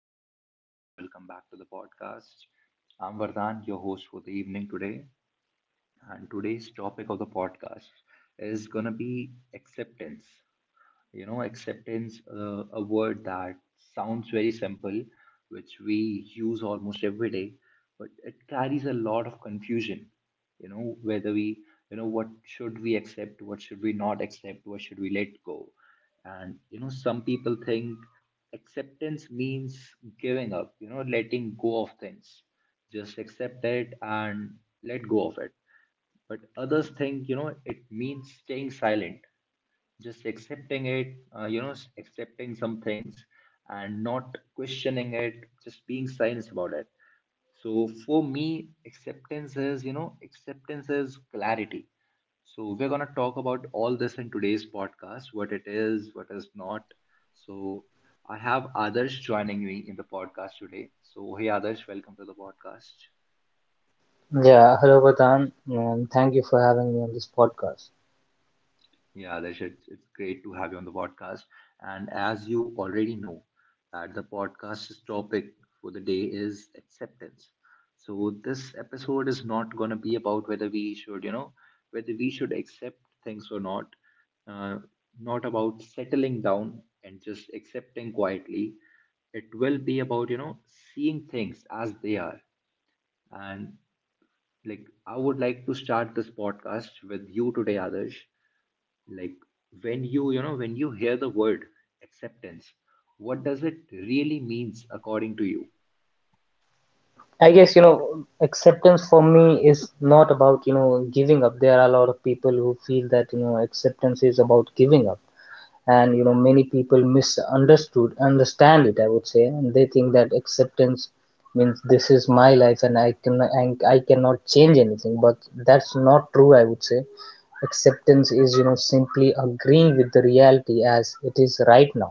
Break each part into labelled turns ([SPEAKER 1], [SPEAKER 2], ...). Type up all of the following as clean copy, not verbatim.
[SPEAKER 1] hello everyone, and welcome back to the podcast. I'm Vardhan, your host for the evening today, and today's topic of the podcast is gonna be acceptance. Acceptance, a word that sounds very simple, which we use almost every day, but it carries a lot of confusion. You know, whether we, you know, what should we accept, what should we not accept, what should we let go. And, some people think acceptance means giving up, letting go of things. Just accept it and let go of it. But others think, it means staying silent, just accepting it, accepting some things and not questioning it, just being silent about it. So for me, acceptance is clarity. So we're going to talk about all this in today's podcast: what it is, what is not. So I have others joining me in the podcast today. So hey others, welcome to the podcast.
[SPEAKER 2] Yeah, hello Vardhan, and thank you for having me on this podcast.
[SPEAKER 1] Yeah, Alish, it's great to have you on the podcast. And as you already know, that the podcast's topic for the day is acceptance. So this episode is not going to be about whether we should, accept things or not. Uh, not about settling down and just accepting quietly. It will be about, seeing things as they are. And like, I would like to start this podcast with you today, Adarsh. Like, when you hear the word acceptance, what does it really means according to you?
[SPEAKER 2] I guess, acceptance for me is not about, giving up. There are a lot of people who feel that, acceptance is about giving up. And many people misunderstood understand it, I would say, and they think that acceptance means this is my life and I cannot change anything, but that's not true, I would say. Acceptance is, simply agreeing with the reality as it is right now.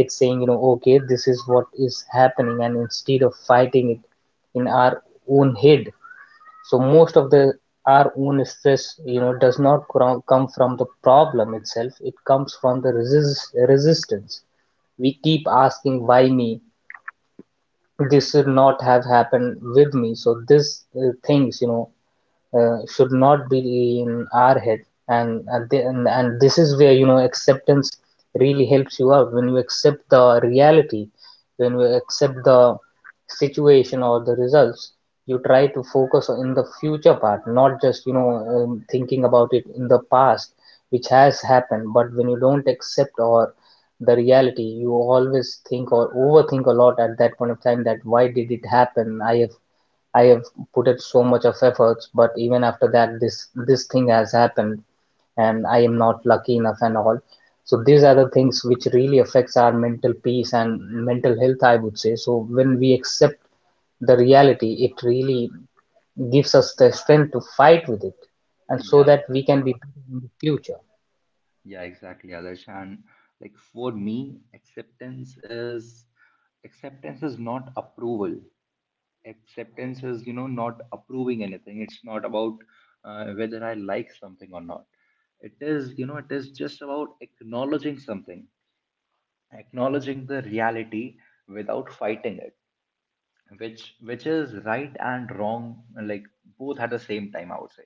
[SPEAKER 2] It's saying, okay, this is what is happening, and instead of fighting it in our own head. So most of the our own stress, does not come from the problem itself. It comes from the resistance. We keep asking, why me? This should not have happened with me. So this things, should not be in our head. And this is where, acceptance really helps you out. When you accept the reality, when you accept the situation or the results, you try to focus in the future part, not just, thinking about it in the past which has happened. But when you don't accept or the reality, you always think or overthink a lot at that point of time, that why did it happen. I've put it so much of efforts, but even after that, this thing has happened, and I am not lucky enough and all. So these are the things which really affects our mental peace and mental health, I would say. So when we accept the reality, it really gives us the strength to fight with it, and so
[SPEAKER 1] Yeah,
[SPEAKER 2] that we can
[SPEAKER 1] exactly.
[SPEAKER 2] be better in the future.
[SPEAKER 1] Yeah, exactly, Adarsh. And like for me, acceptance is acceptance is not approval. Acceptance is, not approving anything. It's not about, whether I like something or not. It is, just about acknowledging something, acknowledging the reality without fighting it. Which is right and wrong, like both at the same time, I would say.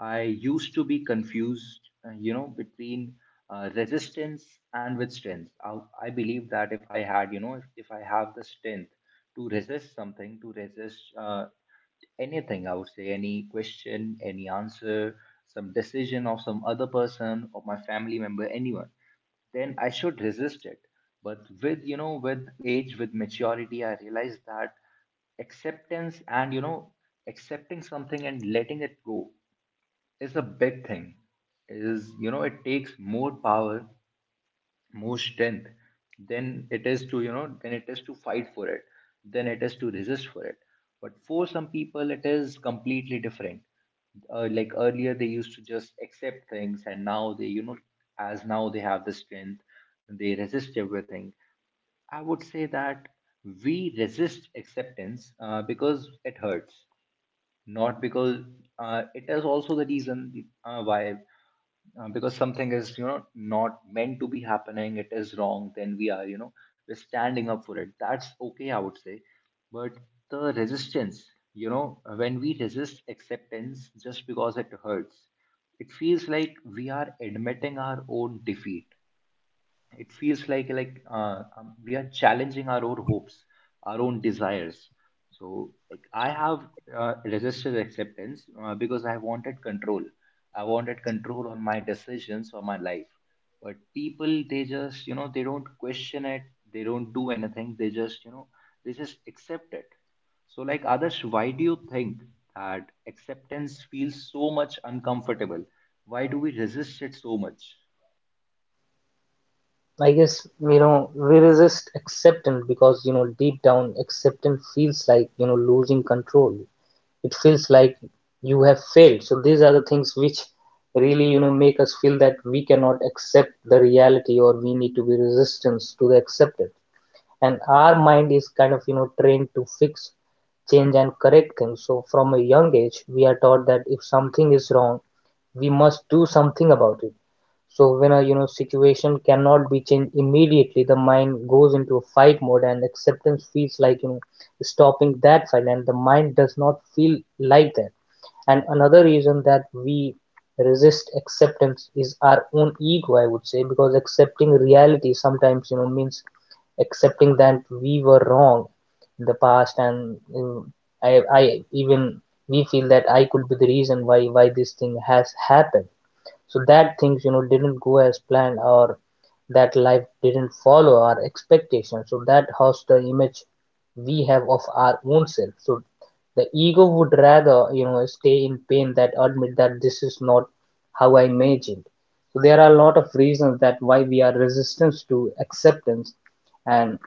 [SPEAKER 1] I used to be confused, between, resistance and with strength. I believe that if I had you know if I have the strength to resist something, to resist, anything, I would say, any question, any answer, some decision of some other person or my family member, anyone, then I should resist it. But with age, with maturity, I realized that acceptance and, accepting something and letting it go is a big thing. Is, it takes more power, more strength, then it is to you know then it is to fight for it, then it is to resist for it. But for some people, it is completely different. Like earlier they used to just accept things, and now they you know as now they have the strength, they resist everything. I would say that we resist acceptance, because it hurts. Not because, it is also the reason, why, because something is, not meant to be happening, it is wrong, then we are you know we're standing up for it. That's okay, I would say. But the resistance, when we resist acceptance just because it hurts, it feels like we are admitting our own defeat. It feels like, we are challenging our own hopes, our own desires. So like I have, resisted acceptance, because I wanted control. I wanted control on my decisions or my life. But people, they just, they don't question it, they don't do anything, they just accept it. So like others, why do you think that acceptance feels so much uncomfortable? Why do we resist it so much?
[SPEAKER 2] I guess, we resist acceptance because, deep down acceptance feels like, losing control. It feels like you have failed. So these are the things which really, make us feel that we cannot accept the reality or we need to be resistance to accept it. And our mind is kind of, trained to fix, change and correct things. So from a young age we are taught that if something is wrong, we must do something about it. So when a, situation cannot be changed immediately, the mind goes into a fight mode, and acceptance feels like, stopping that fight, and the mind does not feel like that. And another reason that we resist acceptance is our own ego, I would say, because accepting reality sometimes, means accepting that we were wrong in the past. And mm, I even we feel that I could be the reason why this thing has happened, so that things, didn't go as planned, or that life didn't follow our expectations, so that hurts the image we have of our own self. So the ego would rather, stay in pain that admit that this is not how I imagined. So there are a lot of reasons that why we are resistance to acceptance. And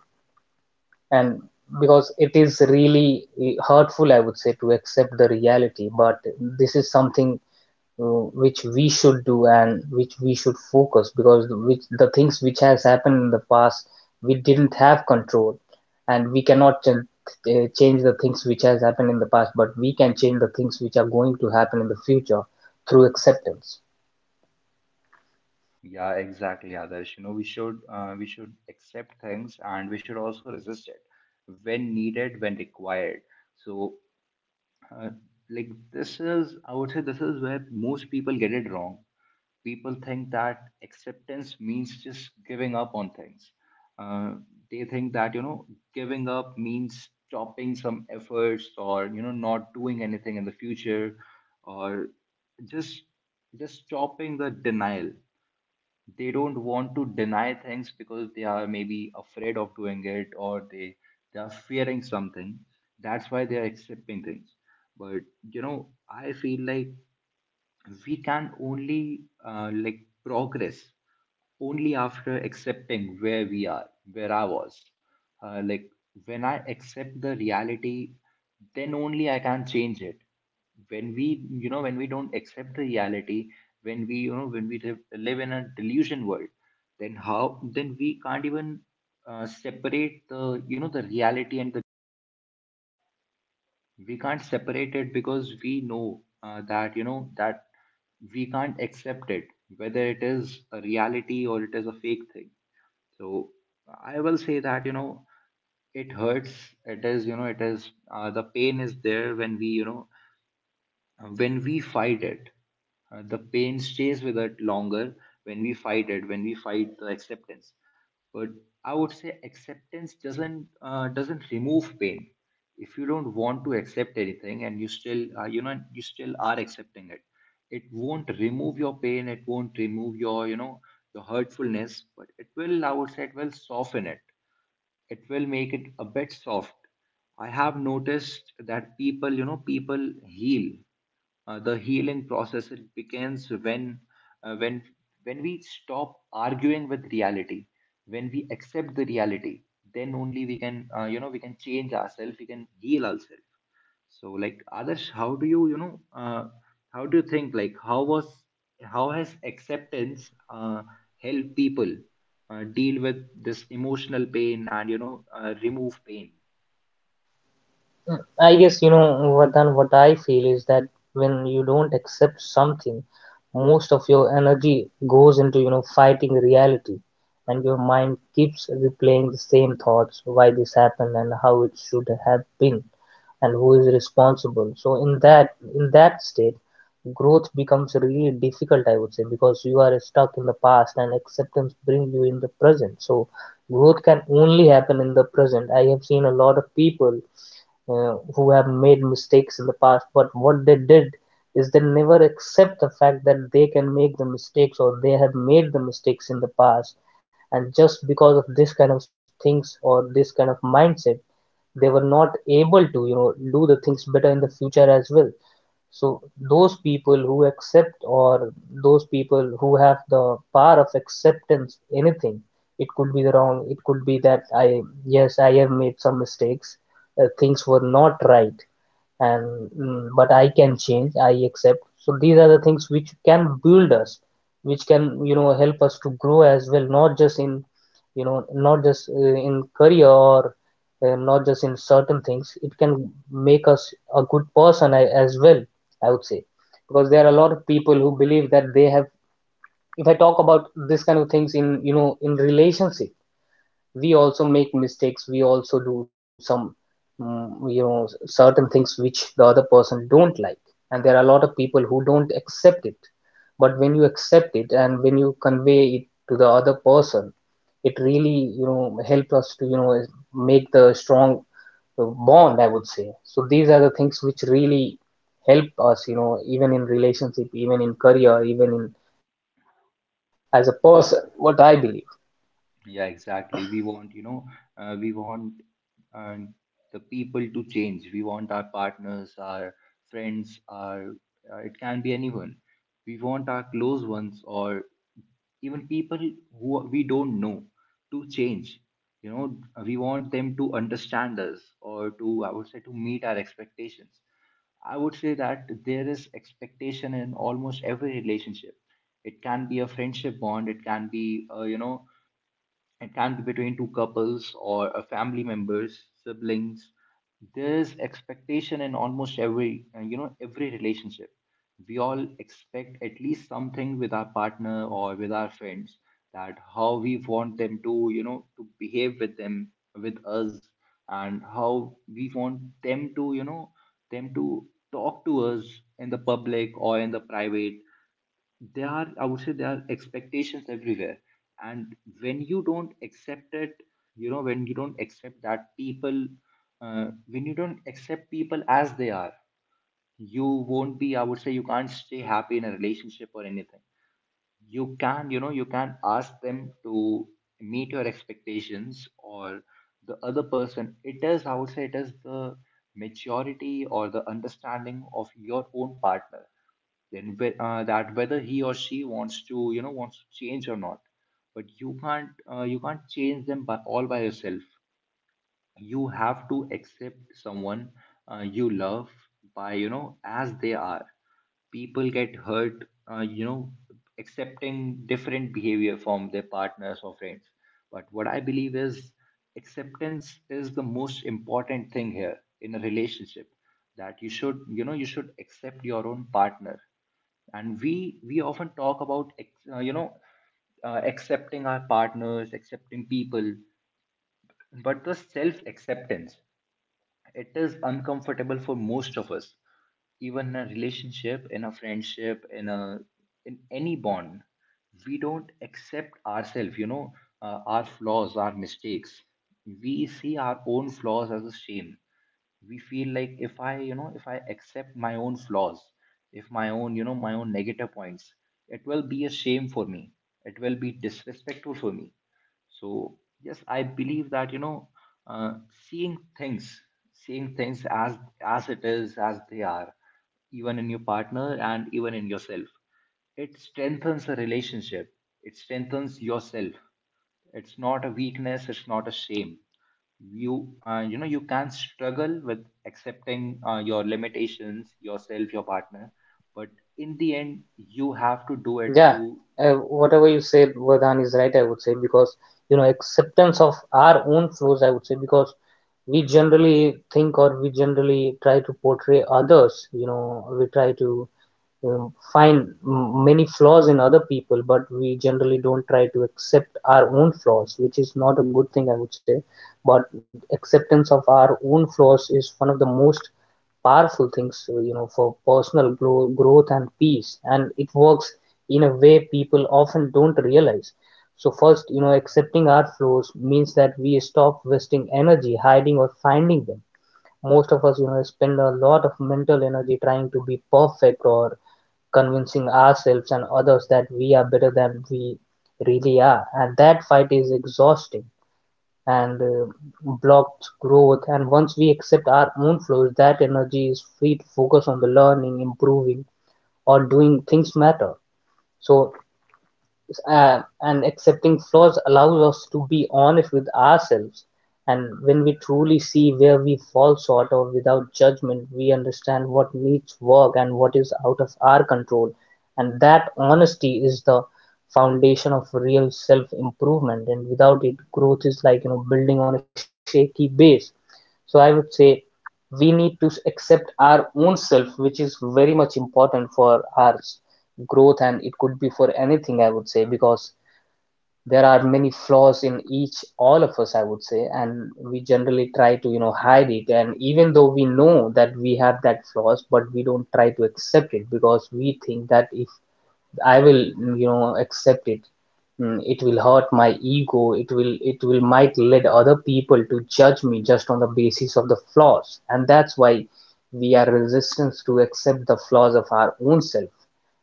[SPEAKER 2] and Because it is really hurtful, I would say, to accept the reality, but this is something which we should do and which we should focus, because which the things which has happened in the past, we didn't have control, and we cannot change the things which has happened in the past, but we can change the things which are going to happen in the future through acceptance.
[SPEAKER 1] Yeah, exactly, Adarsh. We should, accept things, and we should also resist it when needed, when required. So, uh, like this is, I would say, this is where most people get it wrong. People think that acceptance means just giving up on things. Uh, they think that, giving up means stopping some efforts, or, not doing anything in the future, or just just stopping the denial. They don't want to deny things because they are maybe afraid of doing it, or they are fearing something. That's why they are accepting things. But, you know I feel like we can only, like progress only after accepting where we are, where I was. Like when I accept the reality, then only I can change it. When we don't accept the reality, when we live in a delusion world, then how, then we can't even, separate the reality, and we can't separate it because we know, that you know that we can't accept it, whether it is a reality or it is a fake thing. So I will say that, it hurts. It is you know it is uh, the pain is there when we, fight it. The pain stays with it longer when we fight it, when we fight the acceptance. But I would say acceptance doesn't remove pain. If you don't want to accept anything and you still are accepting it, it won't remove your pain, it won't remove your you know your hurtfulness, but it will, I would say, it will soften it. It will make it a bit soft. I have noticed that people you know people heal. The healing process, it begins when, uh, when when we stop arguing with reality, when we accept the reality, then only we can change ourselves, we can heal ourselves. So like others, how do you you know how do you think, like, how has acceptance, help people, deal with this emotional pain and, remove pain?
[SPEAKER 2] I guess what I feel is that when you don't accept something, most of your energy goes into, fighting reality, and your mind keeps replaying the same thoughts: why this happened and how it should have been, and who is responsible. So in that state, growth becomes really difficult, I would say, because you are stuck in the past, and acceptance brings you in the present. So growth can only happen in the present. I have seen a lot of people who have made mistakes in the past, but what they did is they never accept the fact that they can make the mistakes or they have made the mistakes in the past. And just because of this kind of things or this kind of mindset, they were not able to, do the things better in the future as well. So those people who accept, or those people who have the power of acceptance anything, it could be the wrong, it could be that I, yes I have made some mistakes, things were not right, and but I can change, I accept. So these are the things which can build us, which can, help us to grow as well, not just in, not just in career, or not just in certain things. It can make us a good person, as well, I would say. Because there are a lot of people who believe that they have, if I talk about this kind of things in, in relationship, we also make mistakes, we also do some mm, certain things which the other person don't like, and there are a lot of people who don't accept it. But when you accept it and when you convey it to the other person, it really, helps us to, make the strong bond, I would say. So these are the things which really help us, even in relationship, even in career, even in, as a person, what I believe.
[SPEAKER 1] Yeah, exactly. We want uh, the people to change. We want our partners, our friends, our, it can be anyone. We want our close ones, or even people who we don't know, to change. We want them to understand us, or to, I would say, to meet our expectations. I would say that there is expectation in almost every relationship. It can be a friendship bond, it can be, you know, it can be between two couples, or a family members, siblings. There's expectation in almost every relationship. We all expect at least something with our partner or with our friends, that how we want them to behave with them, with us, and how we want them to talk to us in the public or in the private. There are, I would say, there are expectations everywhere. And when you don't accept it, you know when you don't accept that people when you don't accept people as they are, you won't be, I would say, you can't stay happy in a relationship or anything. You can ask them to meet your expectations, or the other person, it is, I would say, it is the maturity or the understanding of your own partner, then, whe- that whether he or she wants to, wants to change or not. But you can't change them by all by yourself. You have to accept someone, you love, by you know as they are. People get hurt, accepting different behavior from their partners or friends. But what I believe is, acceptance is the most important thing here in a relationship, that you should accept your own partner. And we often talk about, accepting our partners, accepting people, but the self acceptance, it is uncomfortable for most of us, even in a relationship, in a friendship, in any bond. We don't accept ourselves, our flaws, our mistakes. We see our own flaws as a shame. We feel like if I accept my own flaws, if my own negative points, it will be a shame for me. It will be disrespectful for me. So yes, I believe that, uh, seeing things, seeing things as as it is, as they are, even in your partner and even in yourself, it strengthens a relationship, it strengthens yourself. It's not a weakness, it's not a shame. You can struggle with accepting, your limitations, yourself, your partner, but in the end, you have to do it
[SPEAKER 2] Yeah,
[SPEAKER 1] to
[SPEAKER 2] whatever you said, Vardhan, is right, I would say, because, acceptance of our own flaws, I would say, because we generally think, or we generally try to portray others, we try to, find many flaws in other people, but we generally don't try to accept our own flaws, which is not a good thing, I would say. But acceptance of our own flaws is one of the most powerful things, for personal growth and peace. And it works in a way people often don't realize. So first, accepting our flaws means that we stop wasting energy hiding or finding them. Most of us, spend a lot of mental energy trying to be perfect, or convincing ourselves and others that we are better than we really are. And that fight is exhausting and blocks growth. And once we accept our own flows, that energy is free to focus on the learning, improving, or doing things matter. So and accepting flaws allows us to be honest with ourselves. And when we truly see where we fall short or without judgment, we understand what needs work and what is out of our control. And that honesty is the foundation of real self improvement. And without it, growth is like, building on a shaky base. So I would say we need to accept our own self, which is very much important for ours growth, and it could be for anything, I would say, because there are many flaws in each all of us, I would say, and we generally try to, hide it. And even though we know that we have that flaws, but we don't try to accept it, because we think that if I will, accept it. It will hurt my ego. It will might lead other people to judge me just on the basis of the flaws, and that's why we are resistant to accept the flaws of our own self.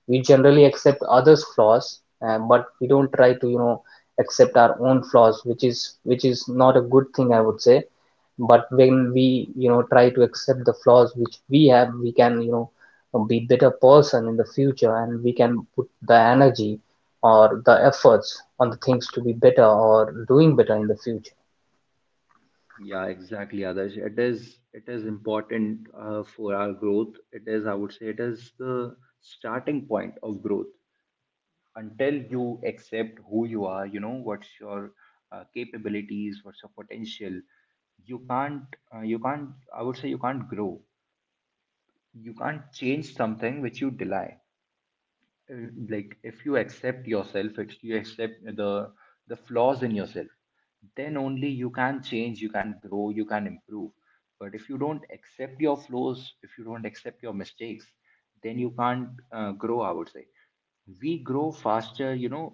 [SPEAKER 2] We generally accept others' flaws, but we don't try to, accept our own flaws, which is not a good thing, I would say. But when we, try to accept the flaws which we have, we can, be better person in the future, and we can put the energy or the efforts on the things to be better or doing better in the future.
[SPEAKER 1] Yeah, exactly, Adarsh. It is important, for our growth. It is, I would say, it is the starting point of growth. Until you accept who you are, you know, what's your capabilities, what's your potential, you can't, uh, you can't, I would say, you can't grow. You can't change something which you deny. uh, like if you accept yourself, if you accept the flaws in yourself, then only you can change, you can grow, you can improve. But if you don't accept your flaws, if you don't accept your mistakes, then you can't grow, I would say. We grow faster, you know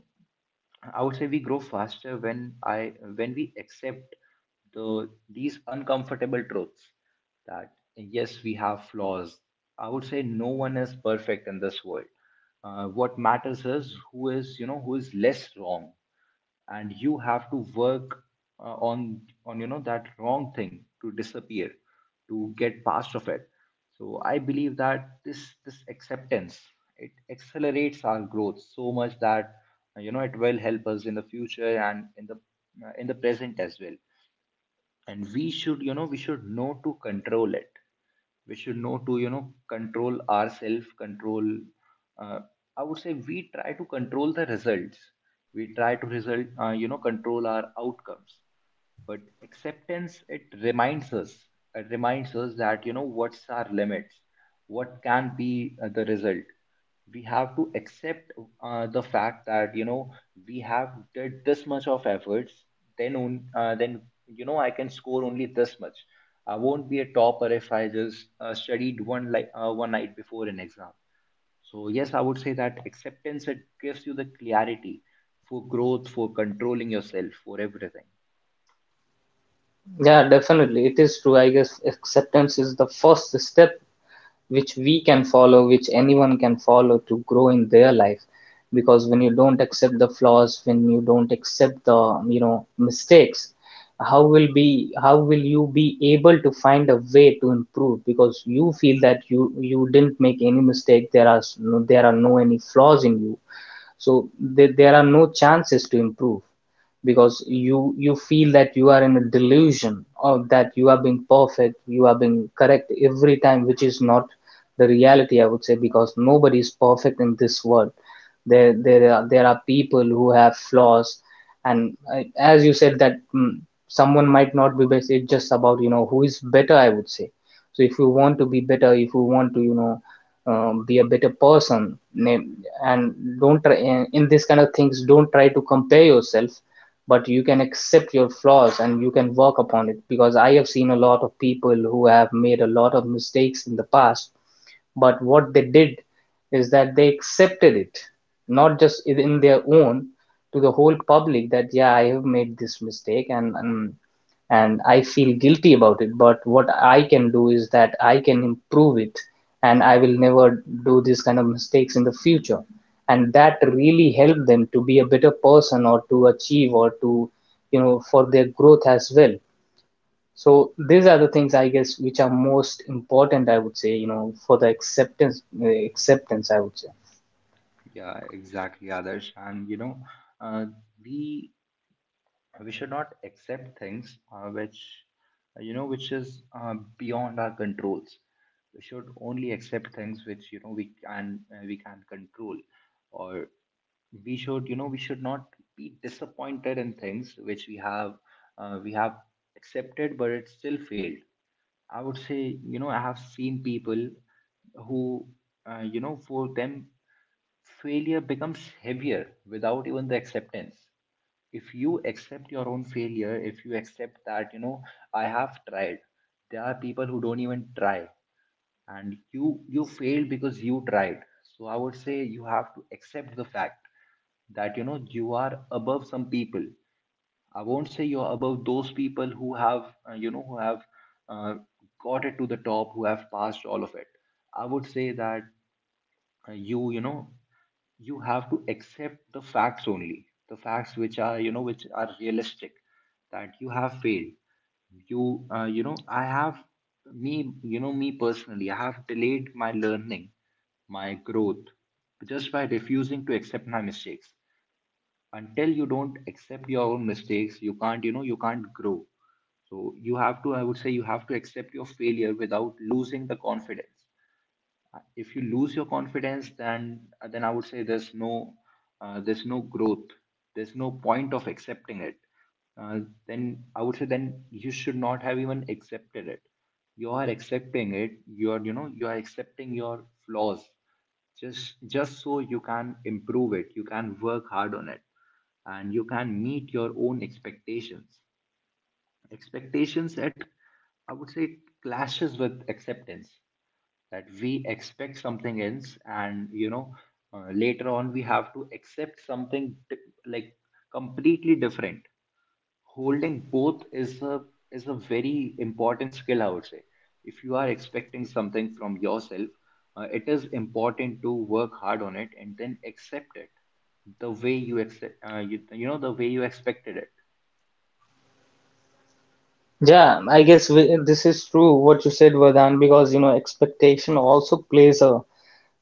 [SPEAKER 1] I would say we grow faster when I when we accept these uncomfortable truths, that yes, we have flaws. I would say no one is perfect in this world. What matters is who is, you know, who is less wrong, and you have to work on on that wrong thing to disappear, to get past of it. So I believe that this acceptance, it accelerates our growth so much that, you know, it will help us in the future and in the present as well. And we should, you know, we should know to control it. We should know to, you know, control ourselves, control uh, I would say we try to control the results. We try to result you know, control our outcomes. But acceptance, it reminds us, it reminds us that, you know, what's our limits, what can be the result. We have to accept the fact that, you know, we have did this much of efforts, then, you know, I can score only this much. I won't be a topper if I just studied one, like one night before an exam. So yes, I would say that acceptance, it gives you the clarity for growth, for controlling yourself, for everything.
[SPEAKER 2] Yeah, definitely, it is true. I guess acceptance is the first step which we can follow, which anyone can follow to grow in their life. Because when you don't accept the flaws, when you don't accept the, mistakes, how will you be able to find a way to improve? Because you feel that you didn't make any mistake. There are no, there are no any flaws in you, so there are no chances to improve because you feel that you are in a delusion or that you are being perfect, you are being correct every time, which is not the reality, I would say, because nobody is perfect in this world. There are people who have flaws. And I, as you said that someone might not be best. It's just about, you know, who is better, I would say. So if you want to be better, if you want to, you know, be a better person and don't try in this kind of things, don't try to compare yourself, but you can accept your flaws and you can work upon it, because I have seen a lot of people who have made a lot of mistakes in the past. But what they did is that they accepted it, not just in their own, to the whole public, that yeah, I have made this mistake, and and I feel guilty about it. But what I can do is that I can improve it, and I will never do this kind of mistakes in the future. And that really helped them to be a better person or to achieve, or to, you know, for their growth as well. So these are the things, I guess, which are most important, I would say, you know, for the acceptance, acceptance, I would say.
[SPEAKER 1] Yeah, exactly, Adarsh. And you know, uh, we we should not accept things which, you know, which is beyond our controls. We should only accept things which, you know, we can control, or we should, you know, we should not be disappointed in things which we have uh, we have accepted but it still failed. I would say, you know, I have seen people who you know, for them, failure becomes heavier without even the acceptance. If you accept your own failure, if you accept that, you know, I have tried. There are people who don't even try, and you failed because you tried. So I would say you have to accept the fact that, you know, you are above some people. I won't say you're above those people who have uh, got it to the top, who have passed all of it. I would say that, you know, you have to accept the facts, only the facts which are, you know, which are realistic, that you have failed. You know, me personally, I have delayed my learning, my growth, just by refusing to accept my mistakes. Until you don't accept your own mistakes, you can't, you know, you can't grow. So you have to, I would say, you have to accept your failure without losing the confidence. If you lose your confidence, then I would say there's no growth. There's no point of accepting it. uh, then I would say, then you should not have even accepted it. You are accepting it, you are, you know, you are accepting your flaws just so you can improve it, you can work hard on it, and you can meet your own expectations. Expectations that, I would say, clashes with acceptance, that we expect something else, and you know, later on we have to accept something like completely different. Holding both is a very important skill, I would say. If you are expecting something from yourself, it is important to work hard on it and then accept it the way you accept, you know, the way you expected it.
[SPEAKER 2] Yeah, I guess this is true what you said, Vardhan, because, you know, expectation also plays a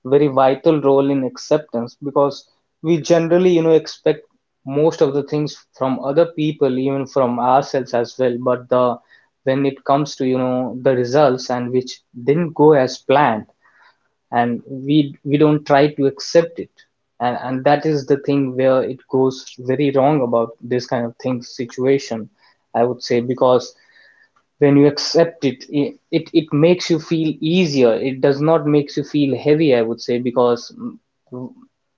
[SPEAKER 2] very vital role in acceptance, because we generally, you know, expect most of the things from other people, even from ourselves as well. But the, when it comes to, you know, the results and which didn't go as planned, and we don't try to accept it, and that is the thing where it goes very wrong about this kind of thing situation, I would say. Because when you accept it, it makes you feel easier. It does not makes you feel heavy, I would say, because mm,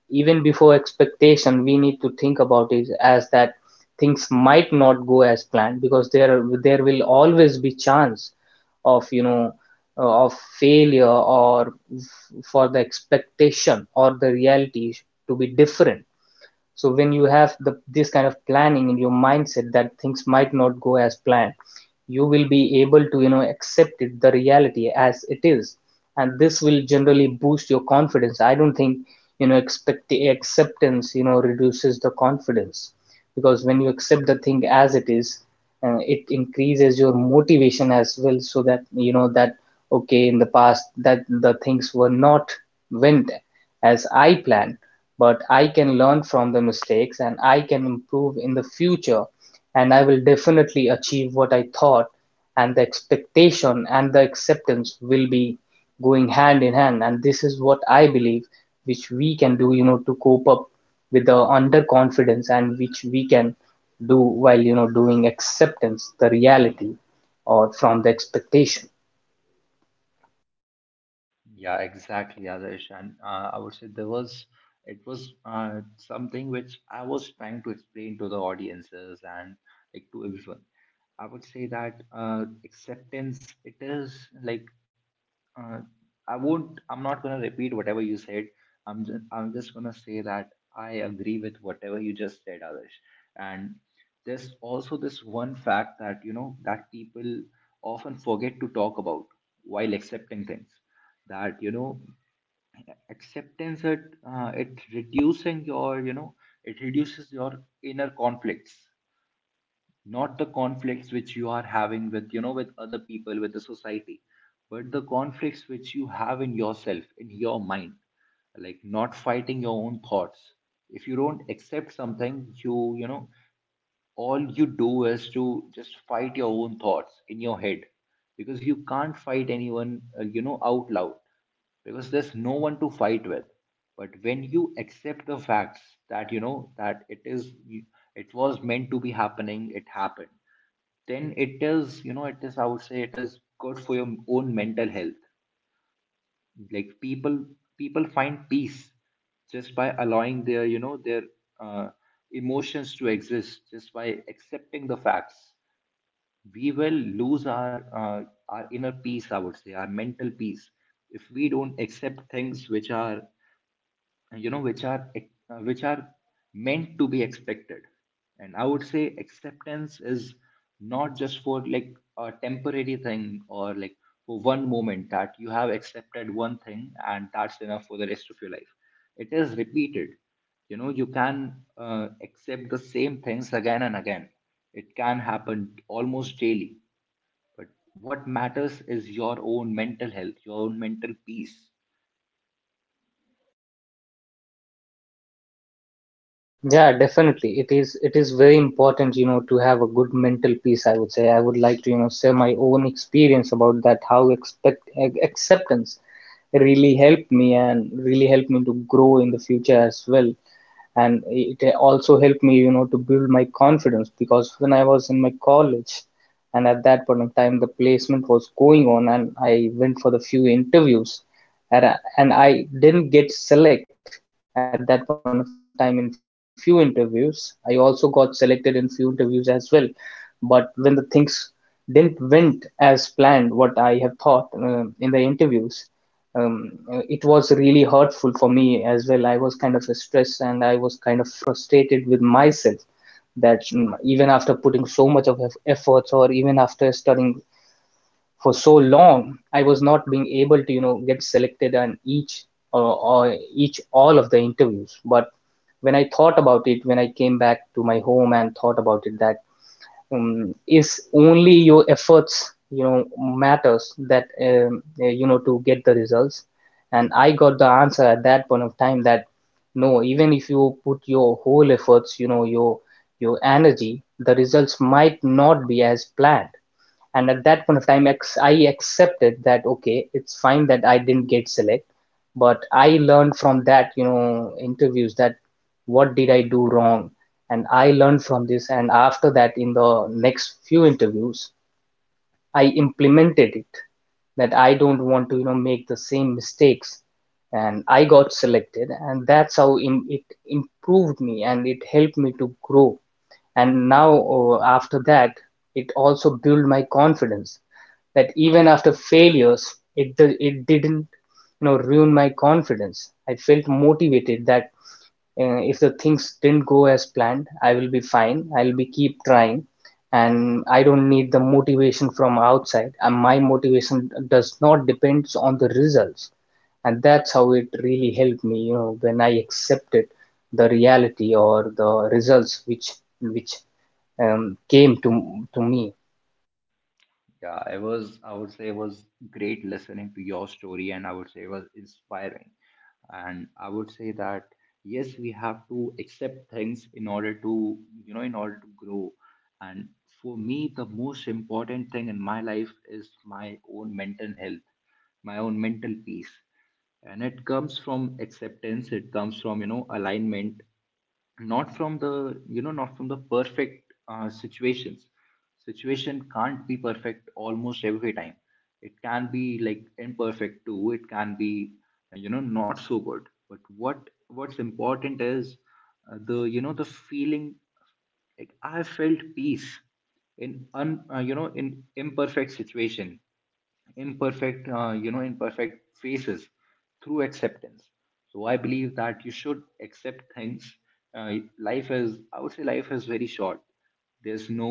[SPEAKER 2] even before expectation, we need to think about it as that things might not go as planned, because there will always be chance of, you know, of failure, or for the expectation or the reality to be different. So when you have the this kind of planning in your mindset that things might not go as planned, you will be able to, you know, accept it, the reality as it is. And this will generally boost your confidence. I don't think, you know, expect acceptance, you know, reduces the confidence, because when you accept the thing as it is, it increases your motivation as well, so that you know that okay, in the past that the things were not went as I planned, but I can learn from the mistakes and I can improve in the future, and I will definitely achieve what I thought. And the expectation and the acceptance will be going hand in hand, and this is what I believe, which we can do, you know, to cope up with the underconfidence, and which we can do while, you know, doing acceptance the reality or from the expectation.
[SPEAKER 1] Yeah, exactly, Adarsh. And I would say there was, it was something which I was trying to explain to the audiences and like to everyone. I would say that, acceptance, it is like uh, I won't. I'm not gonna repeat whatever you said. I'm just gonna say that I agree with whatever you just said, Adarsh. And there's also this one fact that, you know, that people often forget to talk about while accepting things. That you know, acceptance, it it reducing your you know it reduces your inner conflicts, not the conflicts which you are having with, you know, with other people, with the society, but the conflicts which you have in yourself, in your mind, like not fighting your own thoughts. If you don't accept something, you know, all you do is to just fight your own thoughts in your head, because you can't fight anyone, you know, out loud, because there's no one to fight with. But when you accept the facts, that you know, that it is, it was meant to be happening, it happened, then it is, you know, it is, I would say, it is good for your own mental health. Like people find peace just by allowing their, you know, their uh, emotions to exist, just by accepting the facts. We will lose our inner peace, I would say, our mental peace, if we don't accept things which are, you know, which are uh, which are meant to be expected. And I would say acceptance is not just for like a temporary thing, or like for one moment, that you have accepted one thing and that's enough for the rest of your life. It is repeated. You know, you can accept the same things again and again. It can happen almost daily. But what matters is your own mental health, your own mental peace.
[SPEAKER 2] Yeah, definitely. It is very important, you know, to have a good mental peace, I would say. I would like to, you know, share my own experience about that, how expect acceptance really helped me and really helped me to grow in the future as well. And it also helped me, you know, to build my confidence, because when I was in my college, and at that point of time the placement was going on, and I went for the few interviews, and I didn't get select at that point of time in few interviews. I also got selected in few interviews as well. But when the things didn't went as planned, what I have thought in the interviews, it was really hurtful for me as well. I was kind of stressed and I was kind of frustrated with myself that even after putting so much of efforts, or even after studying for so long, I was not being able to, you know, get selected on each, or each all of the interviews. But when I thought about it, when I came back to my home and thought about it, that is only your efforts, you know, matters, that you know, to get the results. And I got the answer at that point of time that no, even if you put your whole efforts, you know, your energy, the results might not be as planned. And at that point of time, I accepted that okay, it's fine that I didn't get select, but I learned from that, you know, interviews, that what did I do wrong. And I learned from this, and after that, in the next few interviews, I implemented it, that I don't want to, you know, make the same mistakes. And I got selected, and that's how it improved me, and it helped me to grow. And now, after that, it also built my confidence, that even after failures, it it didn't, you know, ruin my confidence. I felt motivated that if the things didn't go as planned, I will be fine, I'll be keep trying, and I don't need the motivation from outside. And my motivation does not depends on the results, and that's how it really helped me. You know, when I accepted the reality or the results which came to me.
[SPEAKER 1] Yeah, it was, I would say, it was great listening to your story, and I would say it was inspiring. And I would say that yes, we have to accept things in order to, you know, in order to grow. And for me, the most important thing in my life is my own mental health, my own mental peace. And it comes from acceptance, it comes from, you know, alignment, not from the, you know, not from the perfect situations. Situation can't be perfect almost every time. It can be like imperfect too, it can be you know, not so good. But what what's important is the, you know, the feeling, like I felt peace in you know, in imperfect situation, imperfect you know, imperfect faces, through acceptance. So I believe that you should accept things. Life is, I would say, life is very short. There's no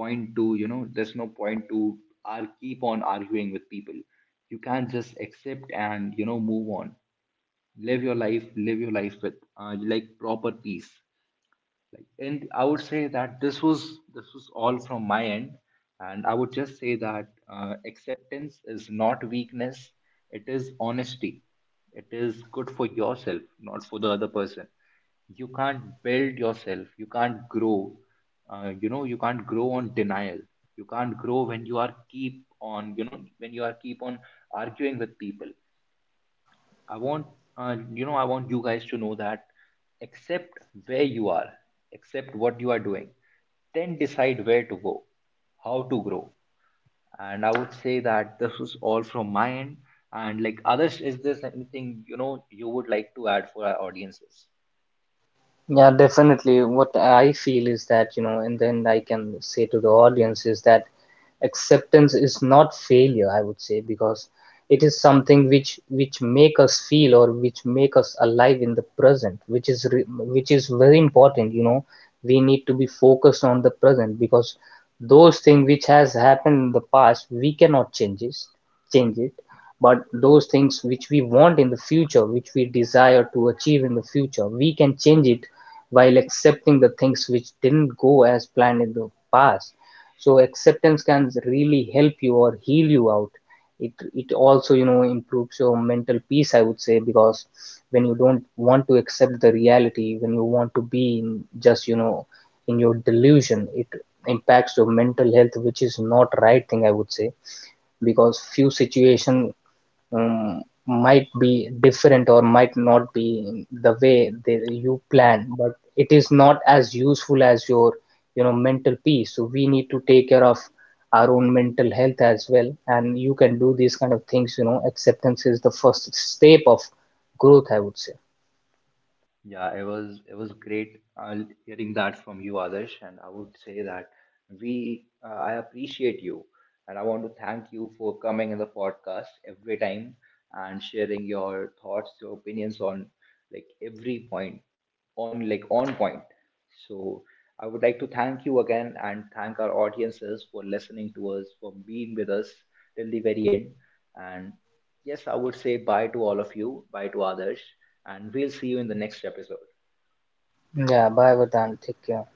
[SPEAKER 1] point to, you know, there's no point to ar keep on arguing with people. You can't just accept and, you know, move on. Live your life, live your life with like proper peace. And I would say that this was all from my end, and I would just say that acceptance is not weakness; it is honesty. It is good for yourself, not for the other person. You can't build yourself. You can't grow. You know, you can't grow on denial. You can't grow when you are keep on. You know, when you are keep on arguing with people. I want, you know, I want you guys to know that accept where you are, accept what you are doing, then decide where to go, how to grow. And I would say that this is all from my end. And like others, is there anything, you know, you would like to add for our audiences?
[SPEAKER 2] Yeah, definitely. What I feel is that, you know, and then I can say to the audience is that acceptance is not failure, I would say, because it is something which make us feel, or which make us alive in the present, which is which is very important. You know, we need to be focused on the present, because those things which has happened in the past, we cannot change it, but those things which we want in the future, which we desire to achieve in the future, we can change it while accepting the things which didn't go as planned in the past. So acceptance can really help you or heal you out. It also, you know, improves your mental peace, I would say, because when you don't want to accept the reality, when you want to be in just, you know, in your delusion, it impacts your mental health, which is not right thing, I would say, because few situation might be different or might not be the way they, you plan, but it is not as useful as your, you know, mental peace. So we need to take care of our own mental health as well. And you can do these kind of things, you know, acceptance is the first step of growth, I would say.
[SPEAKER 1] Yeah, it was great hearing that from you, Adarsh, and I would say that we I appreciate you, and I want to thank you for coming in the podcast every time and sharing your thoughts, your opinions on like every point, on like on point. So I would like to thank you again and thank our audiences for listening to us, for being with us till the very end. And yes, I would say bye to all of you, bye to others, and we'll see you in the next episode.
[SPEAKER 2] Yeah, bye Vedant, take care.